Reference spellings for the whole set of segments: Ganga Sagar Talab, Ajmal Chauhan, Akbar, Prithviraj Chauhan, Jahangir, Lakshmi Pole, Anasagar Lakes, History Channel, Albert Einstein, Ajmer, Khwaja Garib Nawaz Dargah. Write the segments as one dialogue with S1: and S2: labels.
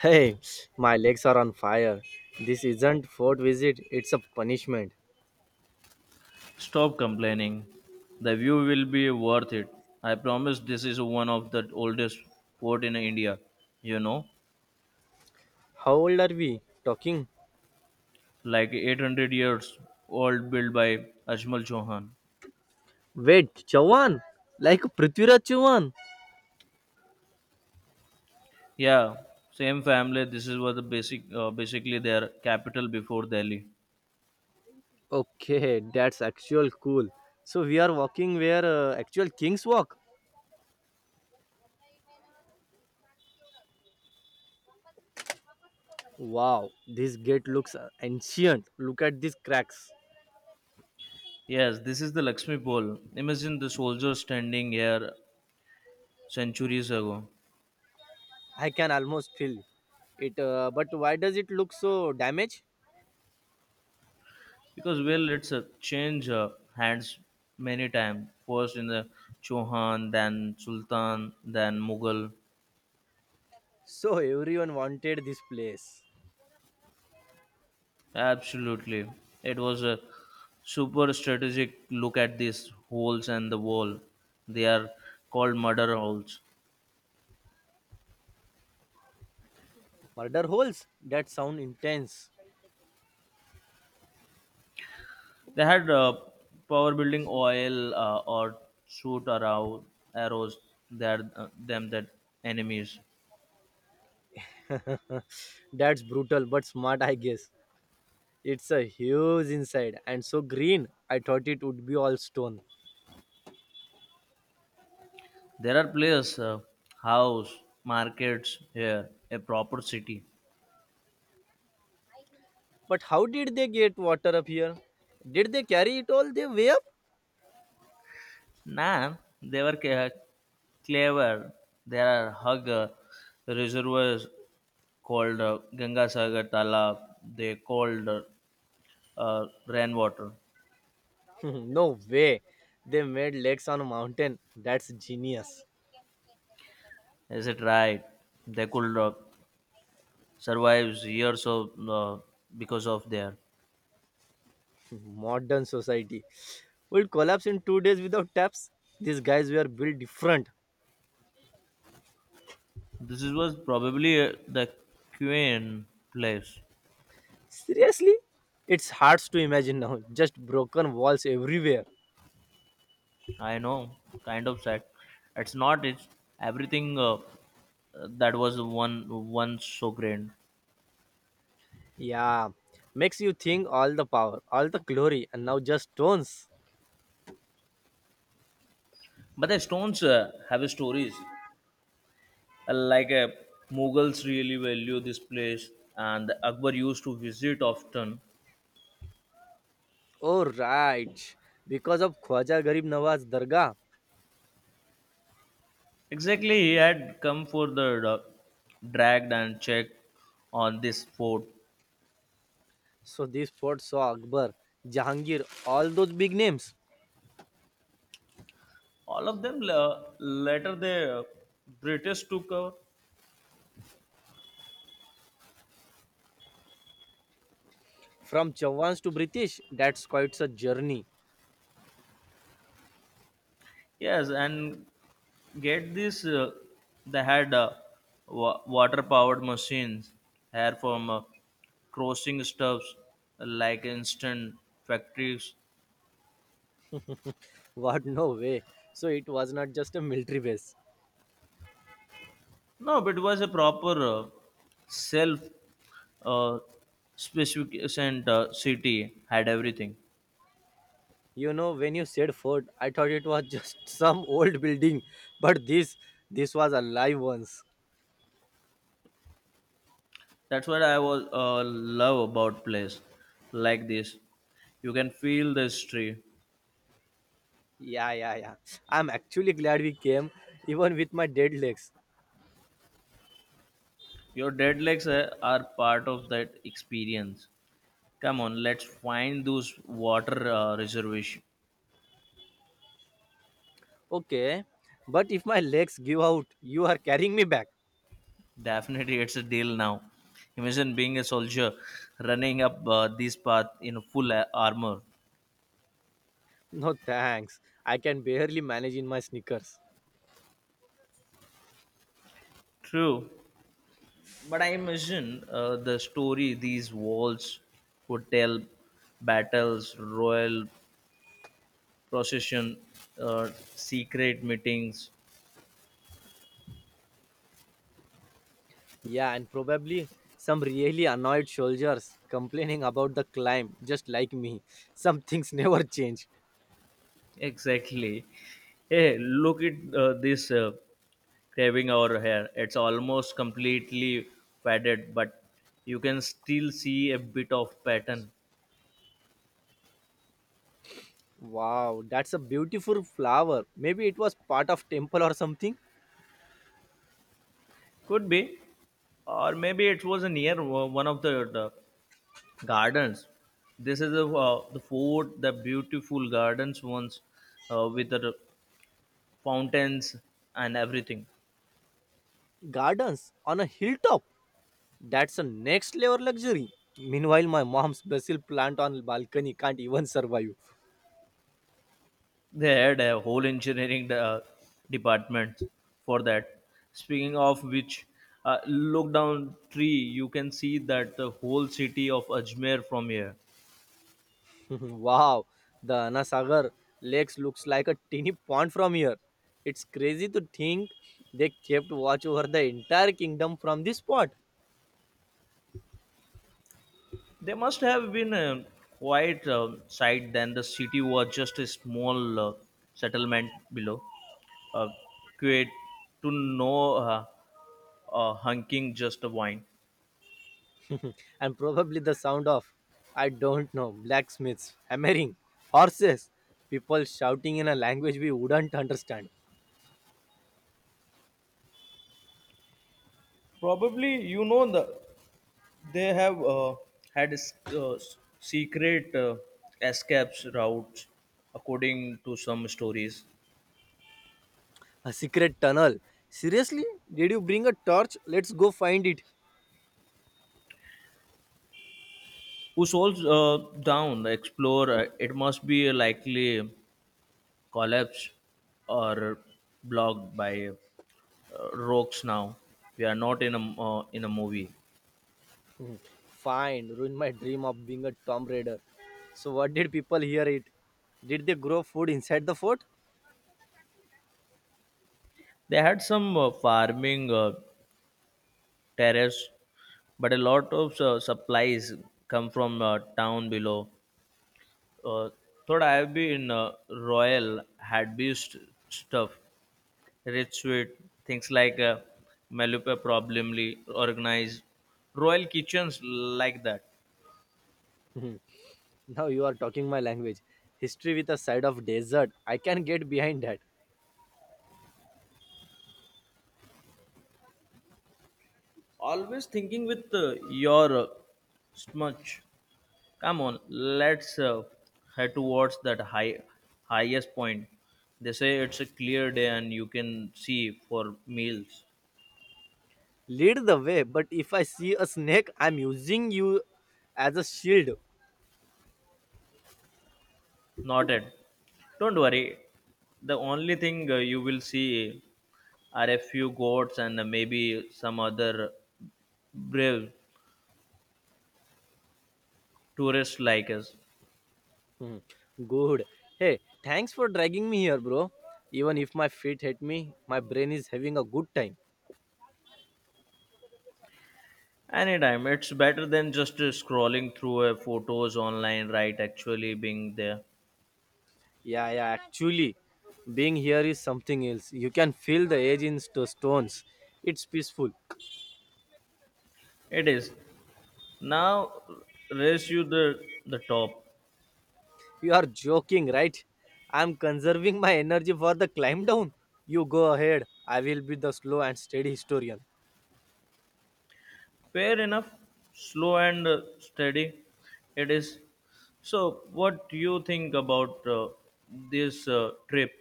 S1: Hey, my legs are on fire. This isn't fort visit, it's a punishment.
S2: Stop complaining. The view will be worth it. I promise this is one of the oldest fort in India, you know,
S1: How old are we talking?
S2: like 800 years old built by Ajmal Chauhan.
S1: Wait, Chauhan? Like Prithviraj Chauhan?
S2: Yeah, same family. This is what the basic basically their capital before Delhi.
S1: Okay, that's actual cool. So we are walking where actual kings walk. Wow, this gate looks ancient. Look at these cracks.
S2: Yes, this is the Lakshmi Pole. Imagine the soldiers standing here centuries ago.
S1: I can almost feel it. But why does it look so damaged?
S2: Because well, it's a change hands many times. First in the Chauhan, then Sultan, then Mughal.
S1: So everyone wanted this place.
S2: Absolutely, it was a super strategic look at these holes and the wall. They are called murder holes.
S1: Murder holes? That sound intense.
S2: They had power building oil or shoot arrow, arrows that them that enemies.
S1: That's brutal but smart, I guess. It's a huge inside and so green. I thought it would be all stone.
S2: There are places, house, markets here, a proper city.
S1: But how did they get water up here? Did they carry it all the way up?
S2: Nah, they were clever. There are hug reservoirs called Ganga Sagar Talab. They called rainwater.
S1: No way. They made lakes on a mountain. That's genius.
S2: Is it right? They could survive years of because of there.
S1: Modern society will collapse in 2 days without taps. These guys were built different.
S2: This was probably the queen place.
S1: Seriously? It's hard to imagine now. Just broken walls everywhere.
S2: I know, kind of sad. It's not. It's everything that was one once so grand.
S1: Yeah, makes you think all the power, all the glory, and now just stones.
S2: But the stones have stories. Like Mughals really value this place, and Akbar used to visit often.
S1: Oh, right. Because of Khwaja Garib Nawaz Dargah.
S2: Exactly, he had come for the dragged and checked on this fort.
S1: So this fort saw Akbar, Jahangir, all those big names.
S2: All of them later the British took over.
S1: From Chawans to British, that's quite a journey.
S2: Yes, and get this, they had water-powered machines here from crossing stuffs like instant factories.
S1: What, no way. So it was not just a military base.
S2: No, but it was a proper self uh, specification. City had everything.
S1: You know, when you said fort, I thought it was just some old building. But this was alive once.
S2: That's what I was love about place like this. You can feel the history.
S1: Yeah, yeah, yeah. I'm actually glad we came, even with my dead legs.
S2: Your dead legs are part of that experience. Come on, let's find those water reservation.
S1: Okay, but if my legs give out, you are carrying me back.
S2: Definitely, it's a deal now. Imagine being a soldier running up this path in full armor.
S1: No thanks. I can barely manage in my sneakers.
S2: True. But I imagine the story these walls could tell battles, royal procession, uh, secret meetings.
S1: Yeah, and probably some really annoyed soldiers complaining about the climb, just like me. Some things never change.
S2: Exactly. Hey, look at this craving our hair. It's almost completely faded, but you can still see a bit of pattern.
S1: Wow, that's a beautiful flower. Maybe it was part of temple or something.
S2: Could be. Or maybe it was near one of the Gardens. This is the fort, the beautiful gardens ones with the fountains and everything.
S1: Gardens on a hilltop. That's a next level luxury. Meanwhile, my mom's basil plant on balcony can't even survive.
S2: They had a whole engineering department for that. Speaking of which, look down tree, you can see that the whole city of Ajmer from here.
S1: Wow, the Anasagar Lakes looks like a teeny pond from here. It's crazy to think they kept watch over the entire kingdom from this spot.
S2: They must have been a quiet site then. The city was just a small settlement below. Uh, Quiet to no hunking just a wine.
S1: And probably the sound of, I don't know, blacksmiths, hammering, horses, people shouting in a language we wouldn't understand.
S2: Probably you know the they have had secret escapes routes according to some stories.
S1: A secret tunnel. Seriously? Did you bring a torch? Let's go find it.
S2: Who souls down the explorer? It must be likely collapsed or blocked by rogues now. We are not in a in a movie.
S1: Fine, ruined my dream of being a tomb raider. So, what did people hear it? Did they grow food inside the fort?
S2: They had some farming terrace, but a lot of supplies come from town below. Uh, Thought I have been Royal had beast stuff, rich sweet things like Malupa problemly organized, Royal kitchens like that.
S1: Mhm. Now you are talking my language. History with a side of desert. I can get behind that.
S2: Always thinking with your smudge. Come on, let's head towards that highest point. They say it's a clear day and you can see for miles.
S1: Lead the way, but if I see a snake, I'm using you as a shield.
S2: Noted. Don't worry. The only thing you will see are a few goats and maybe some other brave tourists like us.
S1: Hmm. Good. Hey, thanks for dragging me here, bro. Even if my feet hit me, my brain is having a good time.
S2: Anytime, it's better than just scrolling through photos online, right? Actually being there.
S1: Yeah, yeah, actually, being here is something else. You can feel the edge in the stones. It's peaceful.
S2: It is. Now raise you the top.
S1: You are joking, right? I'm conserving my energy for the climb down. You go ahead. I will be the slow and steady historian.
S2: Fair enough. Slow and steady. It is. So what do you think about this trip?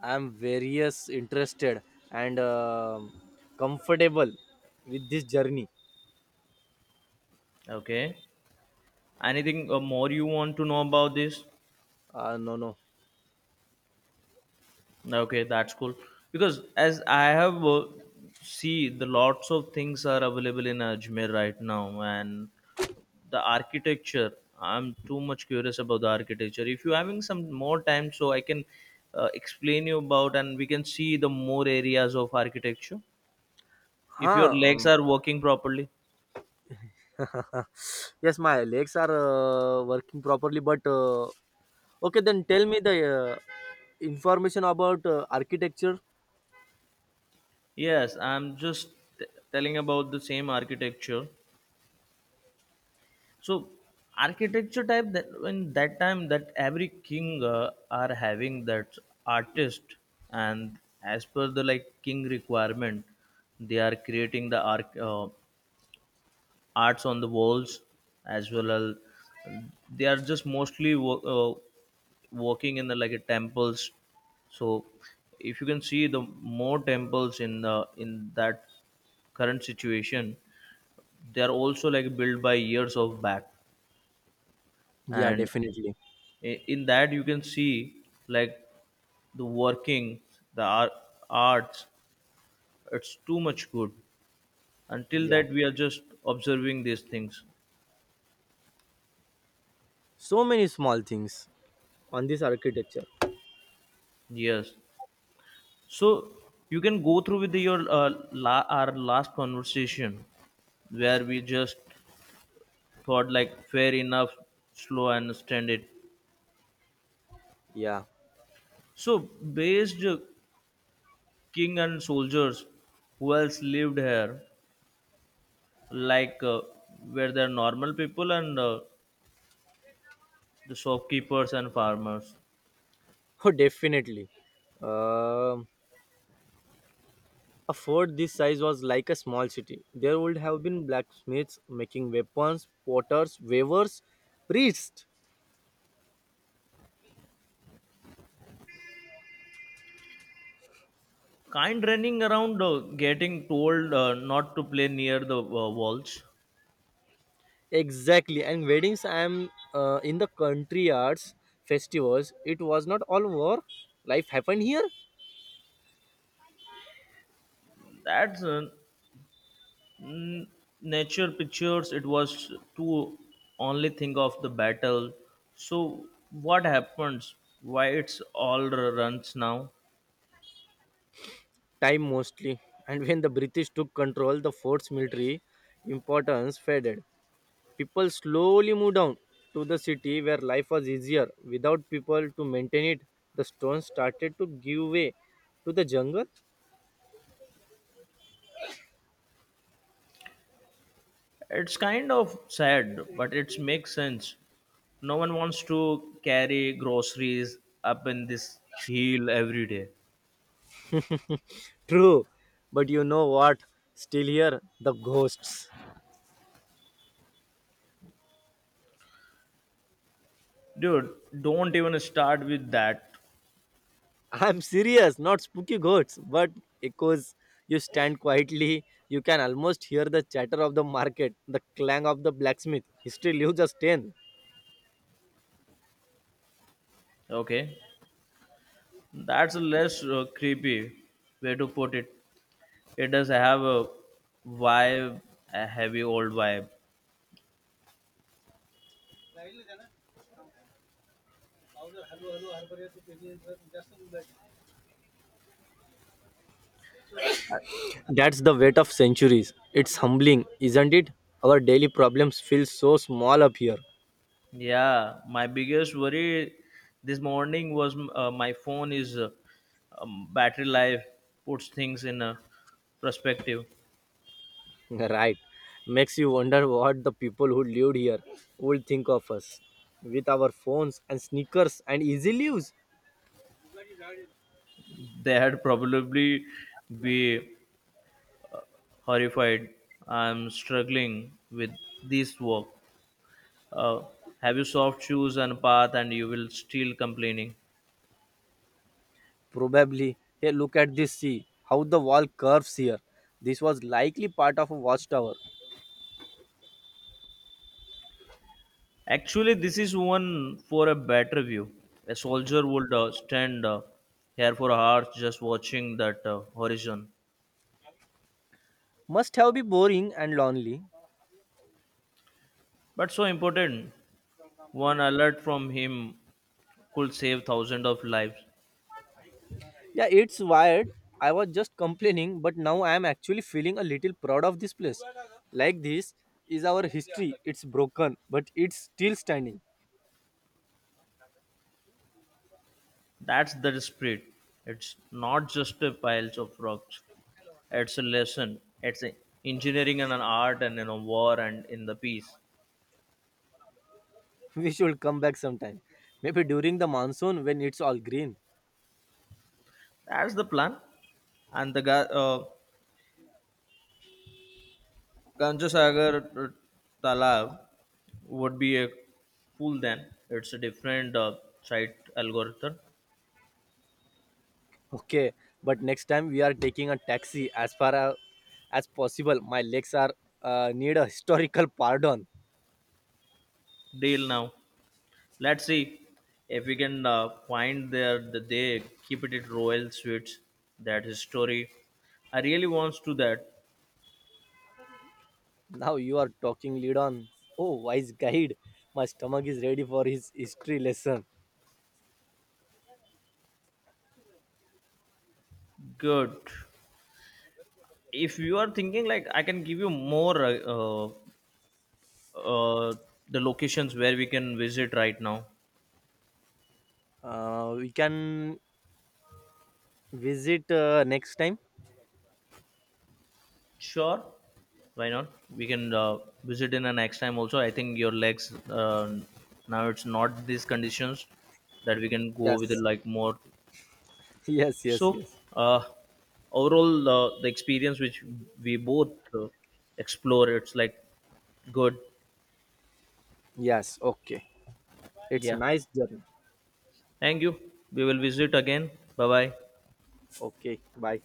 S1: I'm various interested and comfortable with this journey.
S2: Okay. Anything more you want to know about this?
S1: No, no.
S2: Okay, that's cool. Because as I have see the lots of things are available in Ajmer right now, and the architecture, I'm too much curious about the architecture. If you're having some more time, so I can explain you about, and we can see the more areas of architecture if your
S1: Huh?
S2: legs are working properly.
S1: Yes, my legs are working properly, but okay, then tell me the information about architecture.
S2: Yes, I'm just t- telling about the same architecture. So architecture type that when that time that every king are having that artist, and as per the like king requirement, they are creating the arc arts on the walls, as well as they are just mostly working in the like a temples. So if you can see the more temples in the in that current situation, they are also like built by years of back.
S1: Yeah,
S2: And
S1: definitely.
S2: in that you can see like the working the art, arts. It's too much good until
S1: Yeah.
S2: that we are just observing these things.
S1: So many small things on this architecture.
S2: Yes. So you can go through with your our last conversation where we just thought like fair enough, slow and understand it.
S1: Yeah.
S2: So based king and soldiers, who else lived here, like were there normal people and the shopkeepers and farmers.
S1: Oh, definitely. Um a fort this size was like a small city. There would have been blacksmiths making weapons, potters, weavers, priests.
S2: Kind running around getting told not to play near the walls.
S1: Exactly. And weddings, I am in the country arts festivals. It was not all war. Life happened here.
S2: That's Mm, nature pictures it was to only think of the battle. So what happens, why it's all runs now.
S1: Time mostly. And when the British took control, the fort's military importance faded. People slowly moved down to the city where life was easier. Without people to maintain it, the stones started to give way to the jungle.
S2: It's kind of sad, but it makes sense. No one wants to carry groceries up in this hill every day.
S1: True, but you know what? Still here, the ghosts.
S2: Dude, don't even start with that.
S1: I'm serious, not spooky ghosts, but echoes. You stand quietly, you can almost hear the chatter of the market, the clang of the blacksmith. History leaves a stain.
S2: Okay, that's a less creepy way to put it. It does have a vibe, a heavy old vibe.
S1: That's the weight of centuries. It's humbling, isn't it? Our daily problems feel so small up here.
S2: Yeah, my biggest worry this morning was my phone is battery life puts things in a perspective.
S1: Right. Makes you wonder what the people who lived here would think of us with our phones and sneakers and easy lives.
S2: They had probably be horrified. I'm struggling with this work. Uh, have you soft shoes and path and you will still complaining.
S1: Probably, hey, look at this sea, how the wall curves here. This was likely part of a watchtower.
S2: Actually, this is one for a better view. A soldier would stand here for hours just watching that horizon.
S1: Must have been boring and lonely.
S2: But so important. One alert from him could save thousands of lives.
S1: Yeah, it's wired. I was just complaining, but now I am actually feeling a little proud of this place. Like this is our history. It's broken, but it's still standing.
S2: That's the spirit. It's not just a piles of rocks. It's a lesson. It's a engineering and an art and in a war and in the peace.
S1: We should come back sometime. Maybe during the monsoon when it's all green.
S2: That's the plan. And the Ganges Sagar Talab would be a fool then. It's a different site algorithm.
S1: Okay, but next time we are taking a taxi as far as possible. My legs are need a historical pardon.
S2: Deal now. Let's see if we can find there that they keep it at Royal Suites. That history, I really wants to that.
S1: Now you are talking lead on. Oh, wise guide, my stomach is ready for his history lesson.
S2: Good. If you are thinking like I can give you more uh, the locations where we can visit right now.
S1: We can visit next time.
S2: Sure, why not? We can visit in the next time also. I think your legs now it's not these conditions that we can go with
S1: Yes,
S2: like more.
S1: yes, yes,
S2: So,
S1: yes,
S2: uh, overall, the experience which we both explore, it's like good.
S1: yes. Okay, it's
S2: Yeah.
S1: nice journey.
S2: Thank you. We will visit again. Bye bye.
S1: Okay, bye.